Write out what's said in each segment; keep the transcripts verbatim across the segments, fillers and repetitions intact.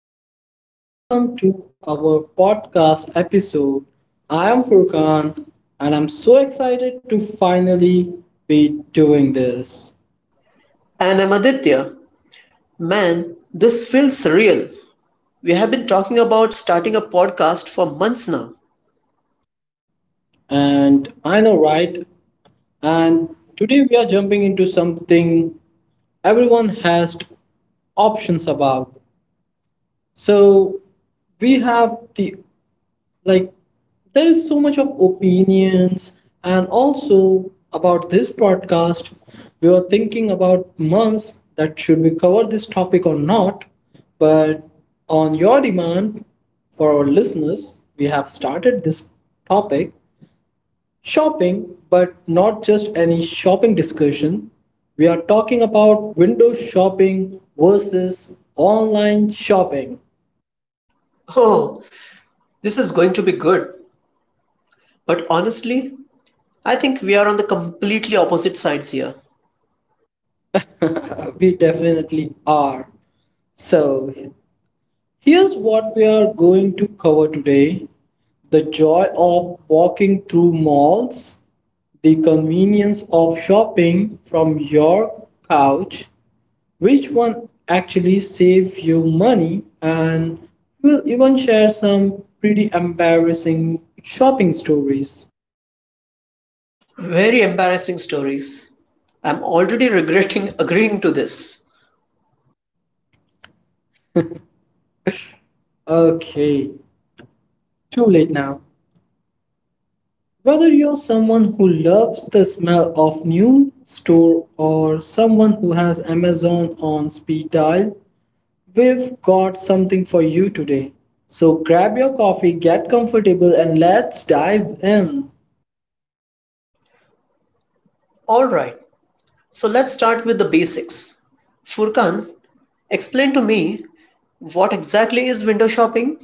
welcome, welcome to our podcast episode. I am Furkan, and I'm so excited to finally be doing this. And I'm Aditya. Man, this feels surreal. We have been talking about starting a podcast for months now. And I know, right? And today we are jumping into something everyone has options about. So we have the like there is so much of opinions, and also about this podcast we were thinking about months that should we cover this topic or not, but on your demand for our listeners we have started this topic. Shopping, but not just any shopping discussion. We are talking about window shopping versus online shopping. Oh, this is going to be good. But honestly, I think we are on the completely opposite sides here. We definitely are. So here's what we are going to cover today: the joy of walking through malls, the convenience of shopping from your couch, which one actually saves you money, and we'll even share some pretty embarrassing shopping stories. Very embarrassing stories. I'm already regretting agreeing to this. Okay, too late now. Whether you're someone who loves the smell of new store or someone who has Amazon on speed dial, we've got something for you today. So grab your coffee, get comfortable, and let's dive in. Alright, so let's start with the basics. Furkan, explain to me what exactly is window shopping?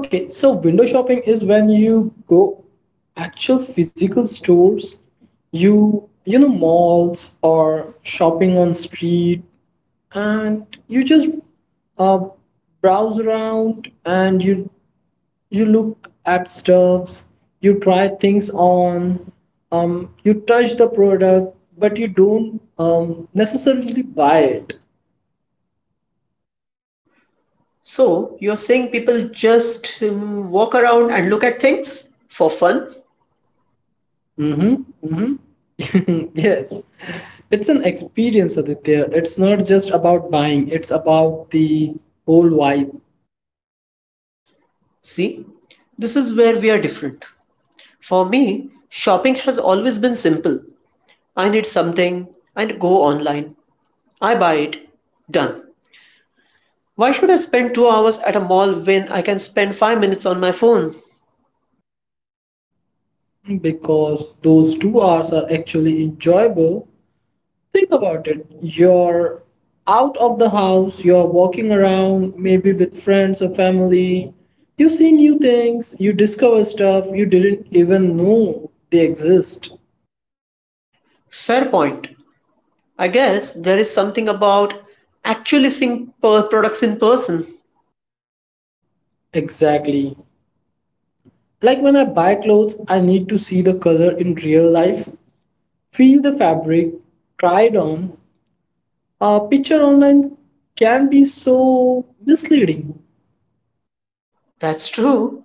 Okay, so window shopping is when you go actual physical stores, you you know malls or shopping on street, and you just uh, browse around, and you you look at stuffs, you try things on, um, you touch the product, but you don't um, necessarily buy it. So you're saying people just um, walk around and look at things for fun? Mm-hmm, mm-hmm. Yes, it's an experience, Aditya. It's not just about buying, it's about the whole vibe. See, this is where we are different. For me, shopping has always been simple. I need something and go online. I buy it. Done. Why should I spend two hours at a mall when I can spend five minutes on my phone? Because those two hours are actually enjoyable. Think about it. You're out of the house, you're walking around, maybe with friends or family. You see new things, you discover stuff you didn't even know they exist. Fair point. I guess there is something about actually seeing per- products in person. Exactly. Like when I buy clothes, I need to see the color in real life, feel the fabric, try it on. A picture online can be so misleading. That's true.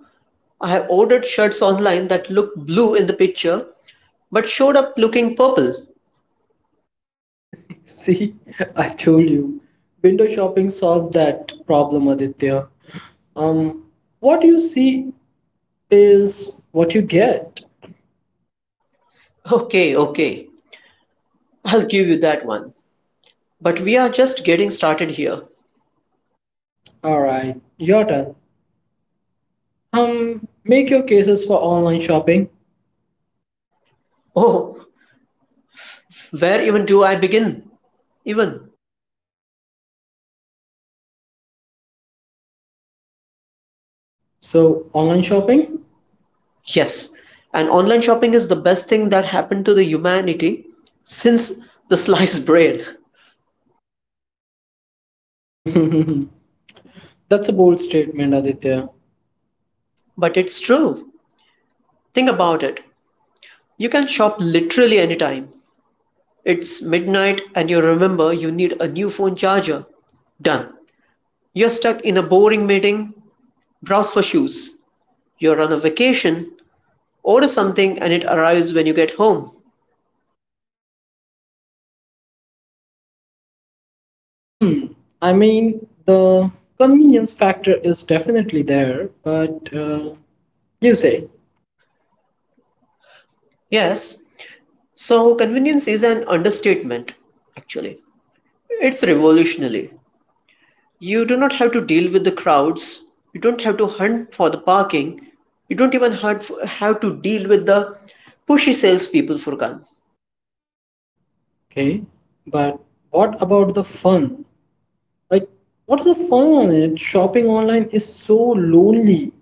I have ordered shirts online that look blue in the picture but showed up looking purple. See, I told you. Window shopping solved that problem, Aditya. Um, what you see is what you get. Okay, okay, I'll give you that one. But we are just getting started here. All right, your turn. Um, make your cases for online shopping. Oh, where even do I begin? Even. So, online shopping? Yes, and online shopping is the best thing that happened to the humanity since the sliced bread. That's a bold statement, Aditya. But it's true. Think about it. You can shop literally anytime. It's midnight and you remember you need a new phone charger. Done. You're stuck in a boring meeting. Browse for shoes. You're on a vacation. Order something and it arrives when you get home. Hmm. I mean, the convenience factor is definitely there, but uh, you say, Yes, so convenience is an understatement, actually. It's revolutionary. You do not have to deal with the crowds, you don't have to hunt for the parking, you don't even hunt for, have to deal with the pushy salespeople, Furkan. okay, but what about the fun? Like, what's the fun on it? Shopping online is so lonely.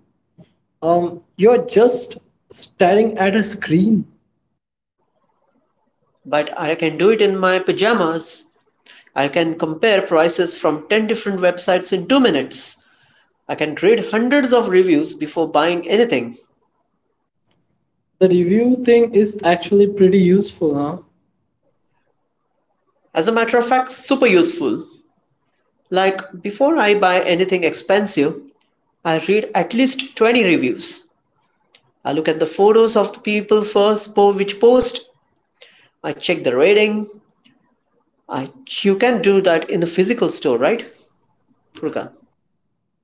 Um, you're just staring at a screen. But I can do it in my pajamas. I can compare prices from ten different websites in two minutes. I can read hundreds of reviews before buying anything. The review thing is actually pretty useful, huh? As a matter of fact, super useful. Like before I buy anything expensive, I read at least twenty reviews. I look at the photos of the people first po- which post. I check the rating. I You can do that in a physical store, right? Furkan.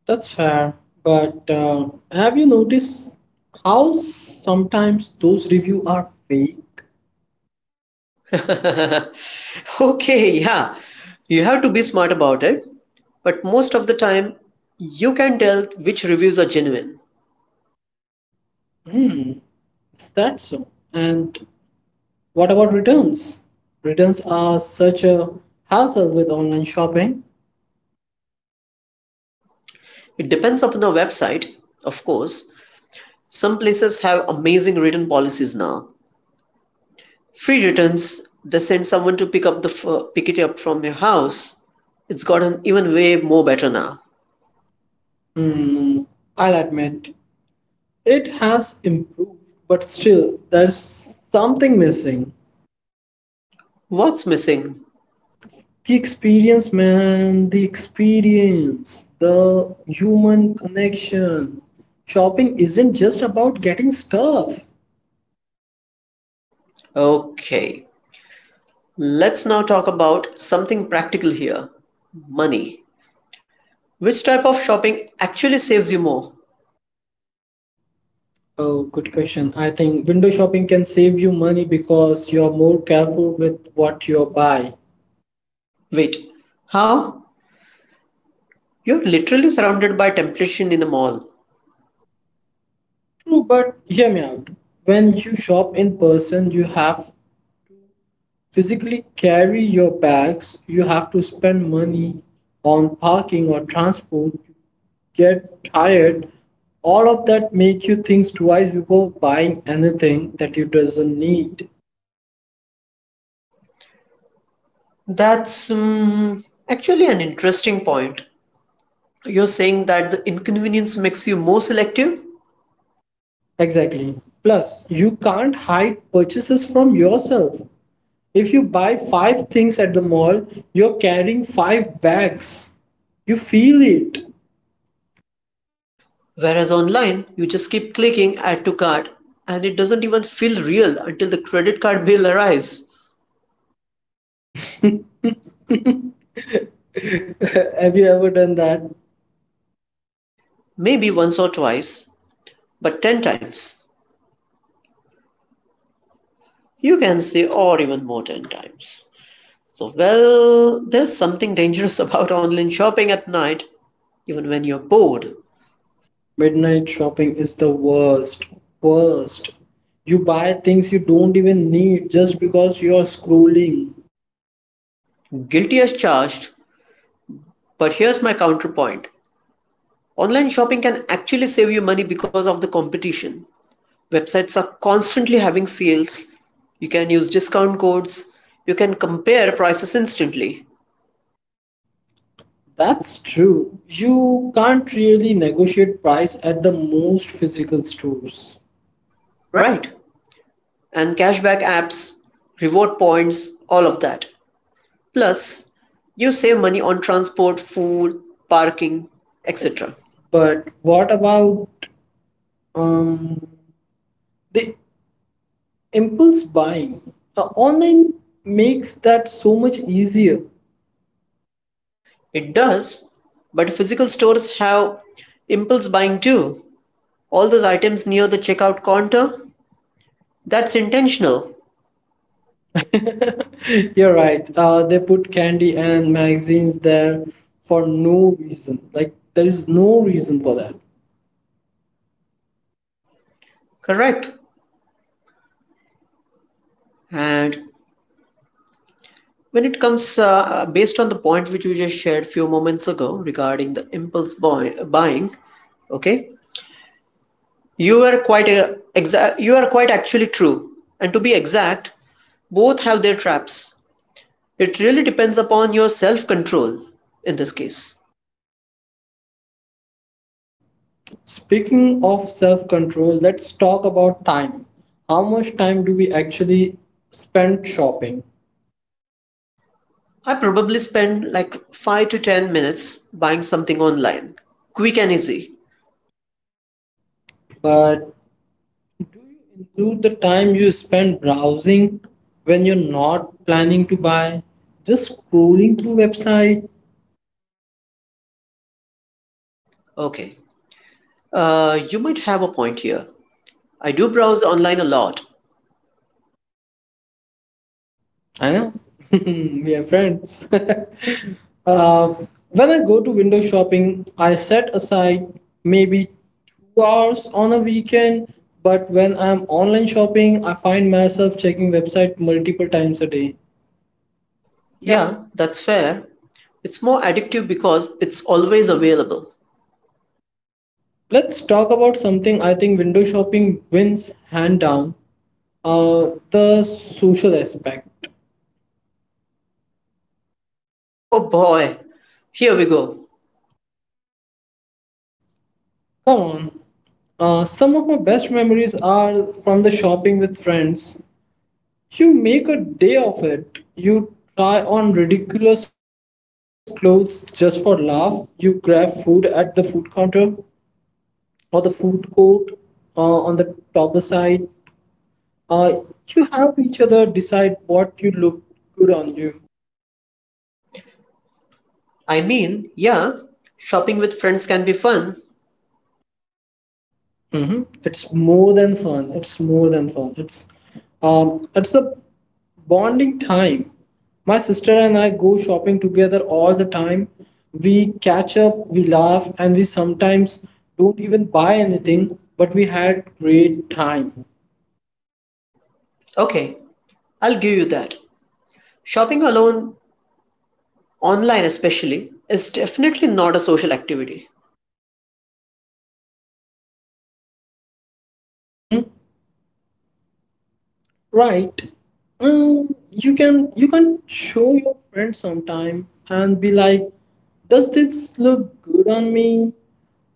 That's fair. But uh, have you noticed how sometimes those reviews are fake? Okay, yeah. You have to be smart about it, but most of the time you can tell which reviews are genuine. Hmm, is that so? And what about returns? Returns are such a hassle with online shopping. It depends upon the website, of course. Some places have amazing written policies now. Free returns, they send someone to pick up the f- pick it up from your house. It's gotten even way more better now. Hmm, I'll admit it has improved, but still, there's something missing. What's missing? The experience, man, the experience, the human connection. Shopping isn't just about getting stuff. Okay, let's now talk about something practical here. Money. Which type of shopping actually saves you more? Oh, good question. I think window shopping can save you money because you're more careful with what you buy. Wait, how? You're literally surrounded by temptation in a mall. True, but hear me out. When you shop in person, you have physically carry your bags, you have to spend money on parking or transport, get tired, all of that make you think twice before buying anything that you doesn't need. That's um, actually an interesting point. You're saying that the inconvenience makes you more selective? Exactly. Plus, you can't hide purchases from yourself. If you buy five things at the mall, you're carrying five bags. You feel it. Whereas online, you just keep clicking add to cart and it doesn't even feel real until the credit card bill arrives. Have you ever done that? Maybe once or twice, but ten times. You can say, or even more ten times. So, well, there's something dangerous about online shopping at night, even when you're bored. Midnight shopping is the worst. Worst. You buy things you don't even need just because you're scrolling. Guilty as charged, but here's my counterpoint, online shopping can actually save you money because of the competition. Websites are constantly having sales. You can use discount codes. You can compare prices instantly, That's true. You can't really negotiate price at the most physical stores. right? And cashback apps, reward points, all of that. Plus, you save money on transport, food, parking, et cetera. But what about um, the impulse buying? Uh, online makes that so much easier. It does, but physical stores have impulse buying too. All those items near the checkout counter, that's intentional, You're right. Uh, they put candy and magazines there for no reason. Like there is no reason for that. correct? And when it comes, uh, uh, based on the point which you just shared few moments ago regarding the impulse buy- buying, okay, you are quite uh, exact. You are quite actually true, and to be exact, both have their traps. It really depends upon your self control in this case. Mhm. Speaking of self control, let's talk about time. How much time do we actually spend shopping? I probably spend like five to ten minutes buying something online. Quick and easy. But do you include the time you spend browsing when you're not planning to buy? Just scrolling through website? Okay. Uh, you might have a point here. I do browse online a lot. I know. We are friends. Uh, when I go to window shopping, I set aside maybe two hours on a weekend. But when I'm online shopping, I find myself checking website multiple times a day. Yeah, that's fair. It's more addictive because it's always available. Let's talk about something I think window shopping wins hand down. Uh, the social aspect. Oh boy, here we go. Come on. Uh, some of my best memories are from the shopping with friends. You make a day of it. You try on ridiculous clothes just for laugh. You grab food at the food counter or the food court, uh, on the top side. Uh, you help each other decide what you look good on you. I mean, yeah, shopping with friends can be fun. hmm It's more than fun. It's more than fun. It's um, it's a bonding time. My sister and I go shopping together all the time. We catch up, we laugh, and we sometimes don't even buy anything, but we had great time. Okay, I'll give you that. Shopping alone, online especially, is definitely not a social activity. Mm-hmm. Right. Um. you can you can show your friend sometime and be like, does this look good on me?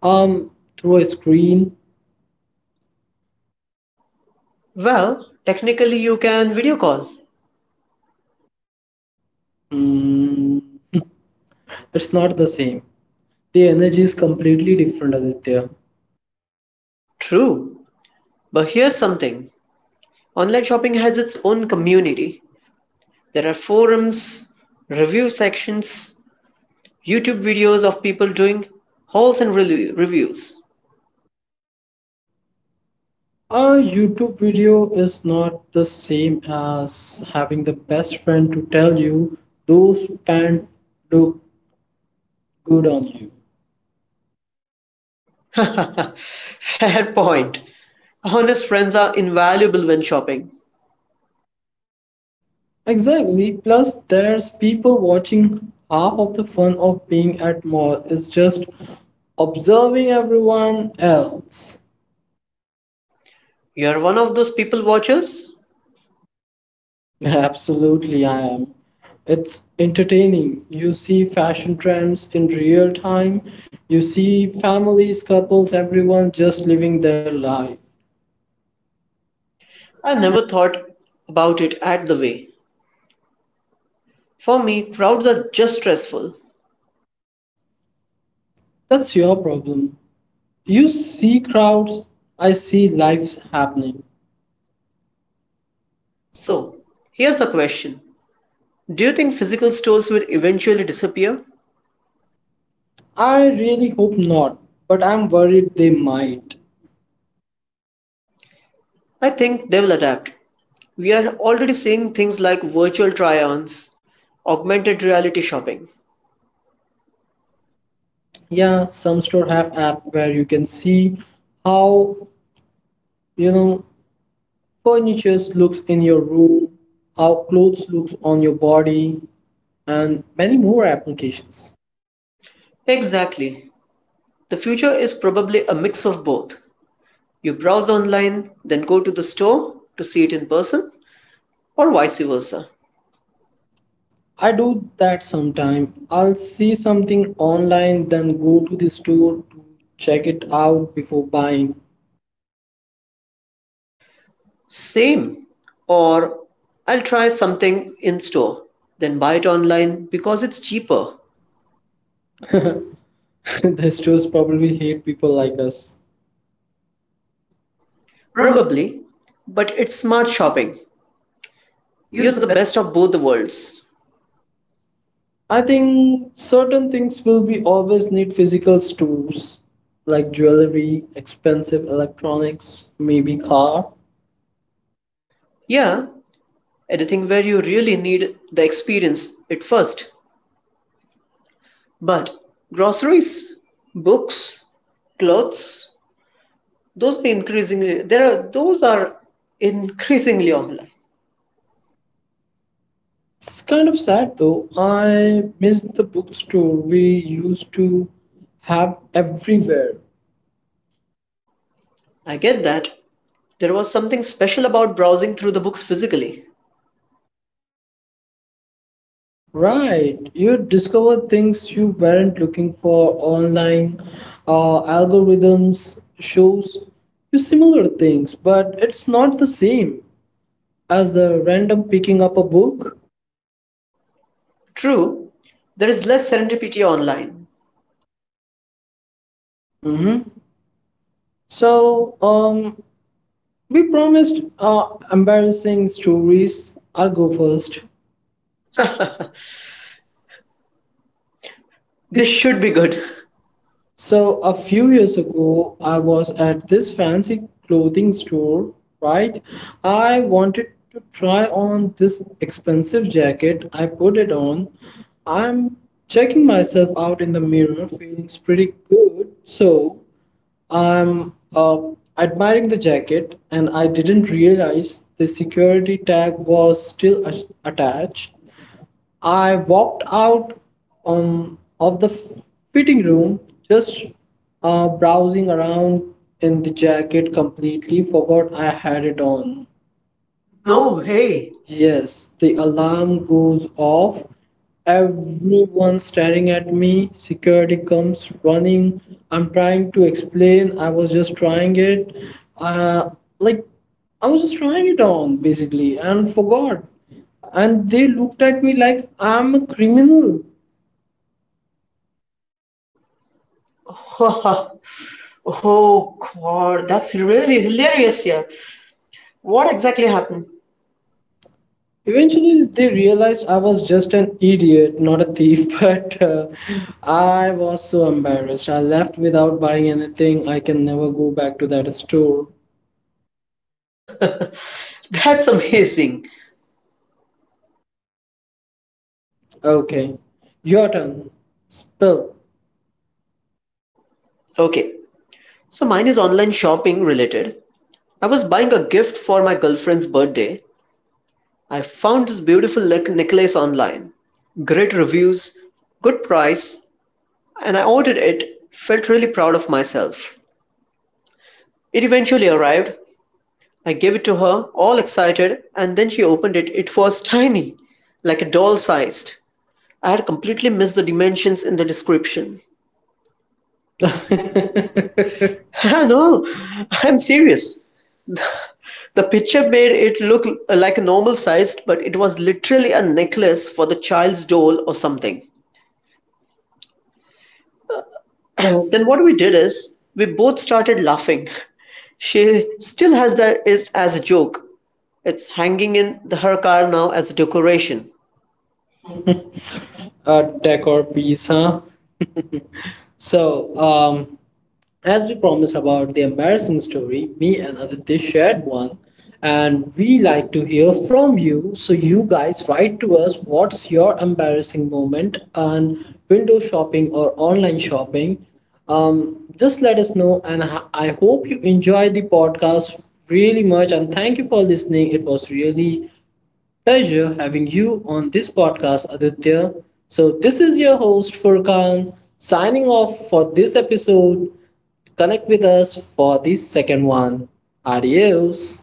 Um, Through a screen. Well, technically, you can video call. Mm, it's not the same. The energy is completely different, Aditya. True. But here's something, online shopping has its own community. There are forums, review sections, YouTube videos of people doing hauls and relu- reviews. A YouTube video is not the same as having the best friend to tell you those pants look good on you. Fair point. Honest friends are invaluable when shopping. Exactly. Plus, there's people watching. Half of the fun of being at mall is just observing everyone else. You're one of those people watchers? Absolutely, I am. It's entertaining. You see fashion trends in real time. You see families, couples, everyone just living their life. I never thought about it at the way. For me, crowds are just stressful. That's your problem. You see crowds, I see lives happening. So, So, here's a question. Do you think physical stores will eventually disappear? I really hope not, but I'm worried they might. I think they will adapt. We are already seeing things like virtual try ons, augmented reality shopping. Yeah, some store have app where you can see how, you know, furnitures looks in your room, how clothes looks on your body, and many more applications. Exactly. The future is probably a mix of both. You browse online, then go to the store to see it in person, or vice versa. I do that sometime. I'll see something online, then go to the store to check it out before buying. Same. Or I'll try something in store, then buy it online because it's cheaper. The stores probably hate people like us. Probably. But it's smart shopping. Use Use the the best of both the worlds. I think certain things will be always need physical stores, like jewelry, expensive electronics, maybe car. Yeah, anything where you really need the experience at first. But groceries, books, clothes, those are increasingly there are those are increasingly online. It's kind of sad though. I miss the bookstore we used to have everywhere. I get that. There was something special about browsing through the books physically. Right, you discover things you weren't looking for online. Uh, algorithms shows you similar things, but it's not the same as the random picking up a book. True, there is less serendipity online. Mhm. So, um, we promised uh, embarrassing stories. I'll go first. This should be good. So a few years ago, I was at this fancy clothing store, right? I wanted to try on this expensive jacket. I put it on. I'm checking myself out in the mirror, feelings pretty good. So I'm uh, admiring the jacket, and I didn't realize the security tag was still a- attached. I walked out um, of the fitting room, just uh, browsing around in the jacket, completely forgot I had it on. No. Hey. Yes, the alarm goes off. Everyone staring at me. Security comes running. I'm trying to explain. I was just trying it. Uh, like, I was just trying it on basically and forgot. And they looked at me like I'm a criminal. Oh god, that's really hilarious. Here, what exactly happened? Eventually, they realized I was just an idiot, not a thief, but uh, I was so embarrassed. I left without buying anything. I can never go back to that store. That's amazing. Okay, your turn. Spill. Okay, so mine is online shopping related. I was buying a gift for my girlfriend's birthday. I found this beautiful neck- necklace online. Great reviews, good price, and I ordered it. Felt really proud of myself. It eventually arrived. I gave it to her, all excited, and then she opened it. It was tiny, like a doll sized. I had completely missed the dimensions in the description. No, I'm serious. The picture made it look like a normal sized, but it was literally a necklace for the child's doll or something. Then what we did is we both started laughing. She still has that is as a joke. It's hanging in the, her car now as a decoration. A decor piece, huh? So, um, as we promised about the embarrassing story, me and Aditya shared one, and we like to hear from you. So, you guys write to us what's your embarrassing moment on window shopping or online shopping. Um, just let us know, and I I hope you enjoyed the podcast really much. And thank you for listening. It was really pleasure having you on this podcast, Aditya. So, this is your host, Furkan, signing off for this episode. Connect with us for the second one. Adios.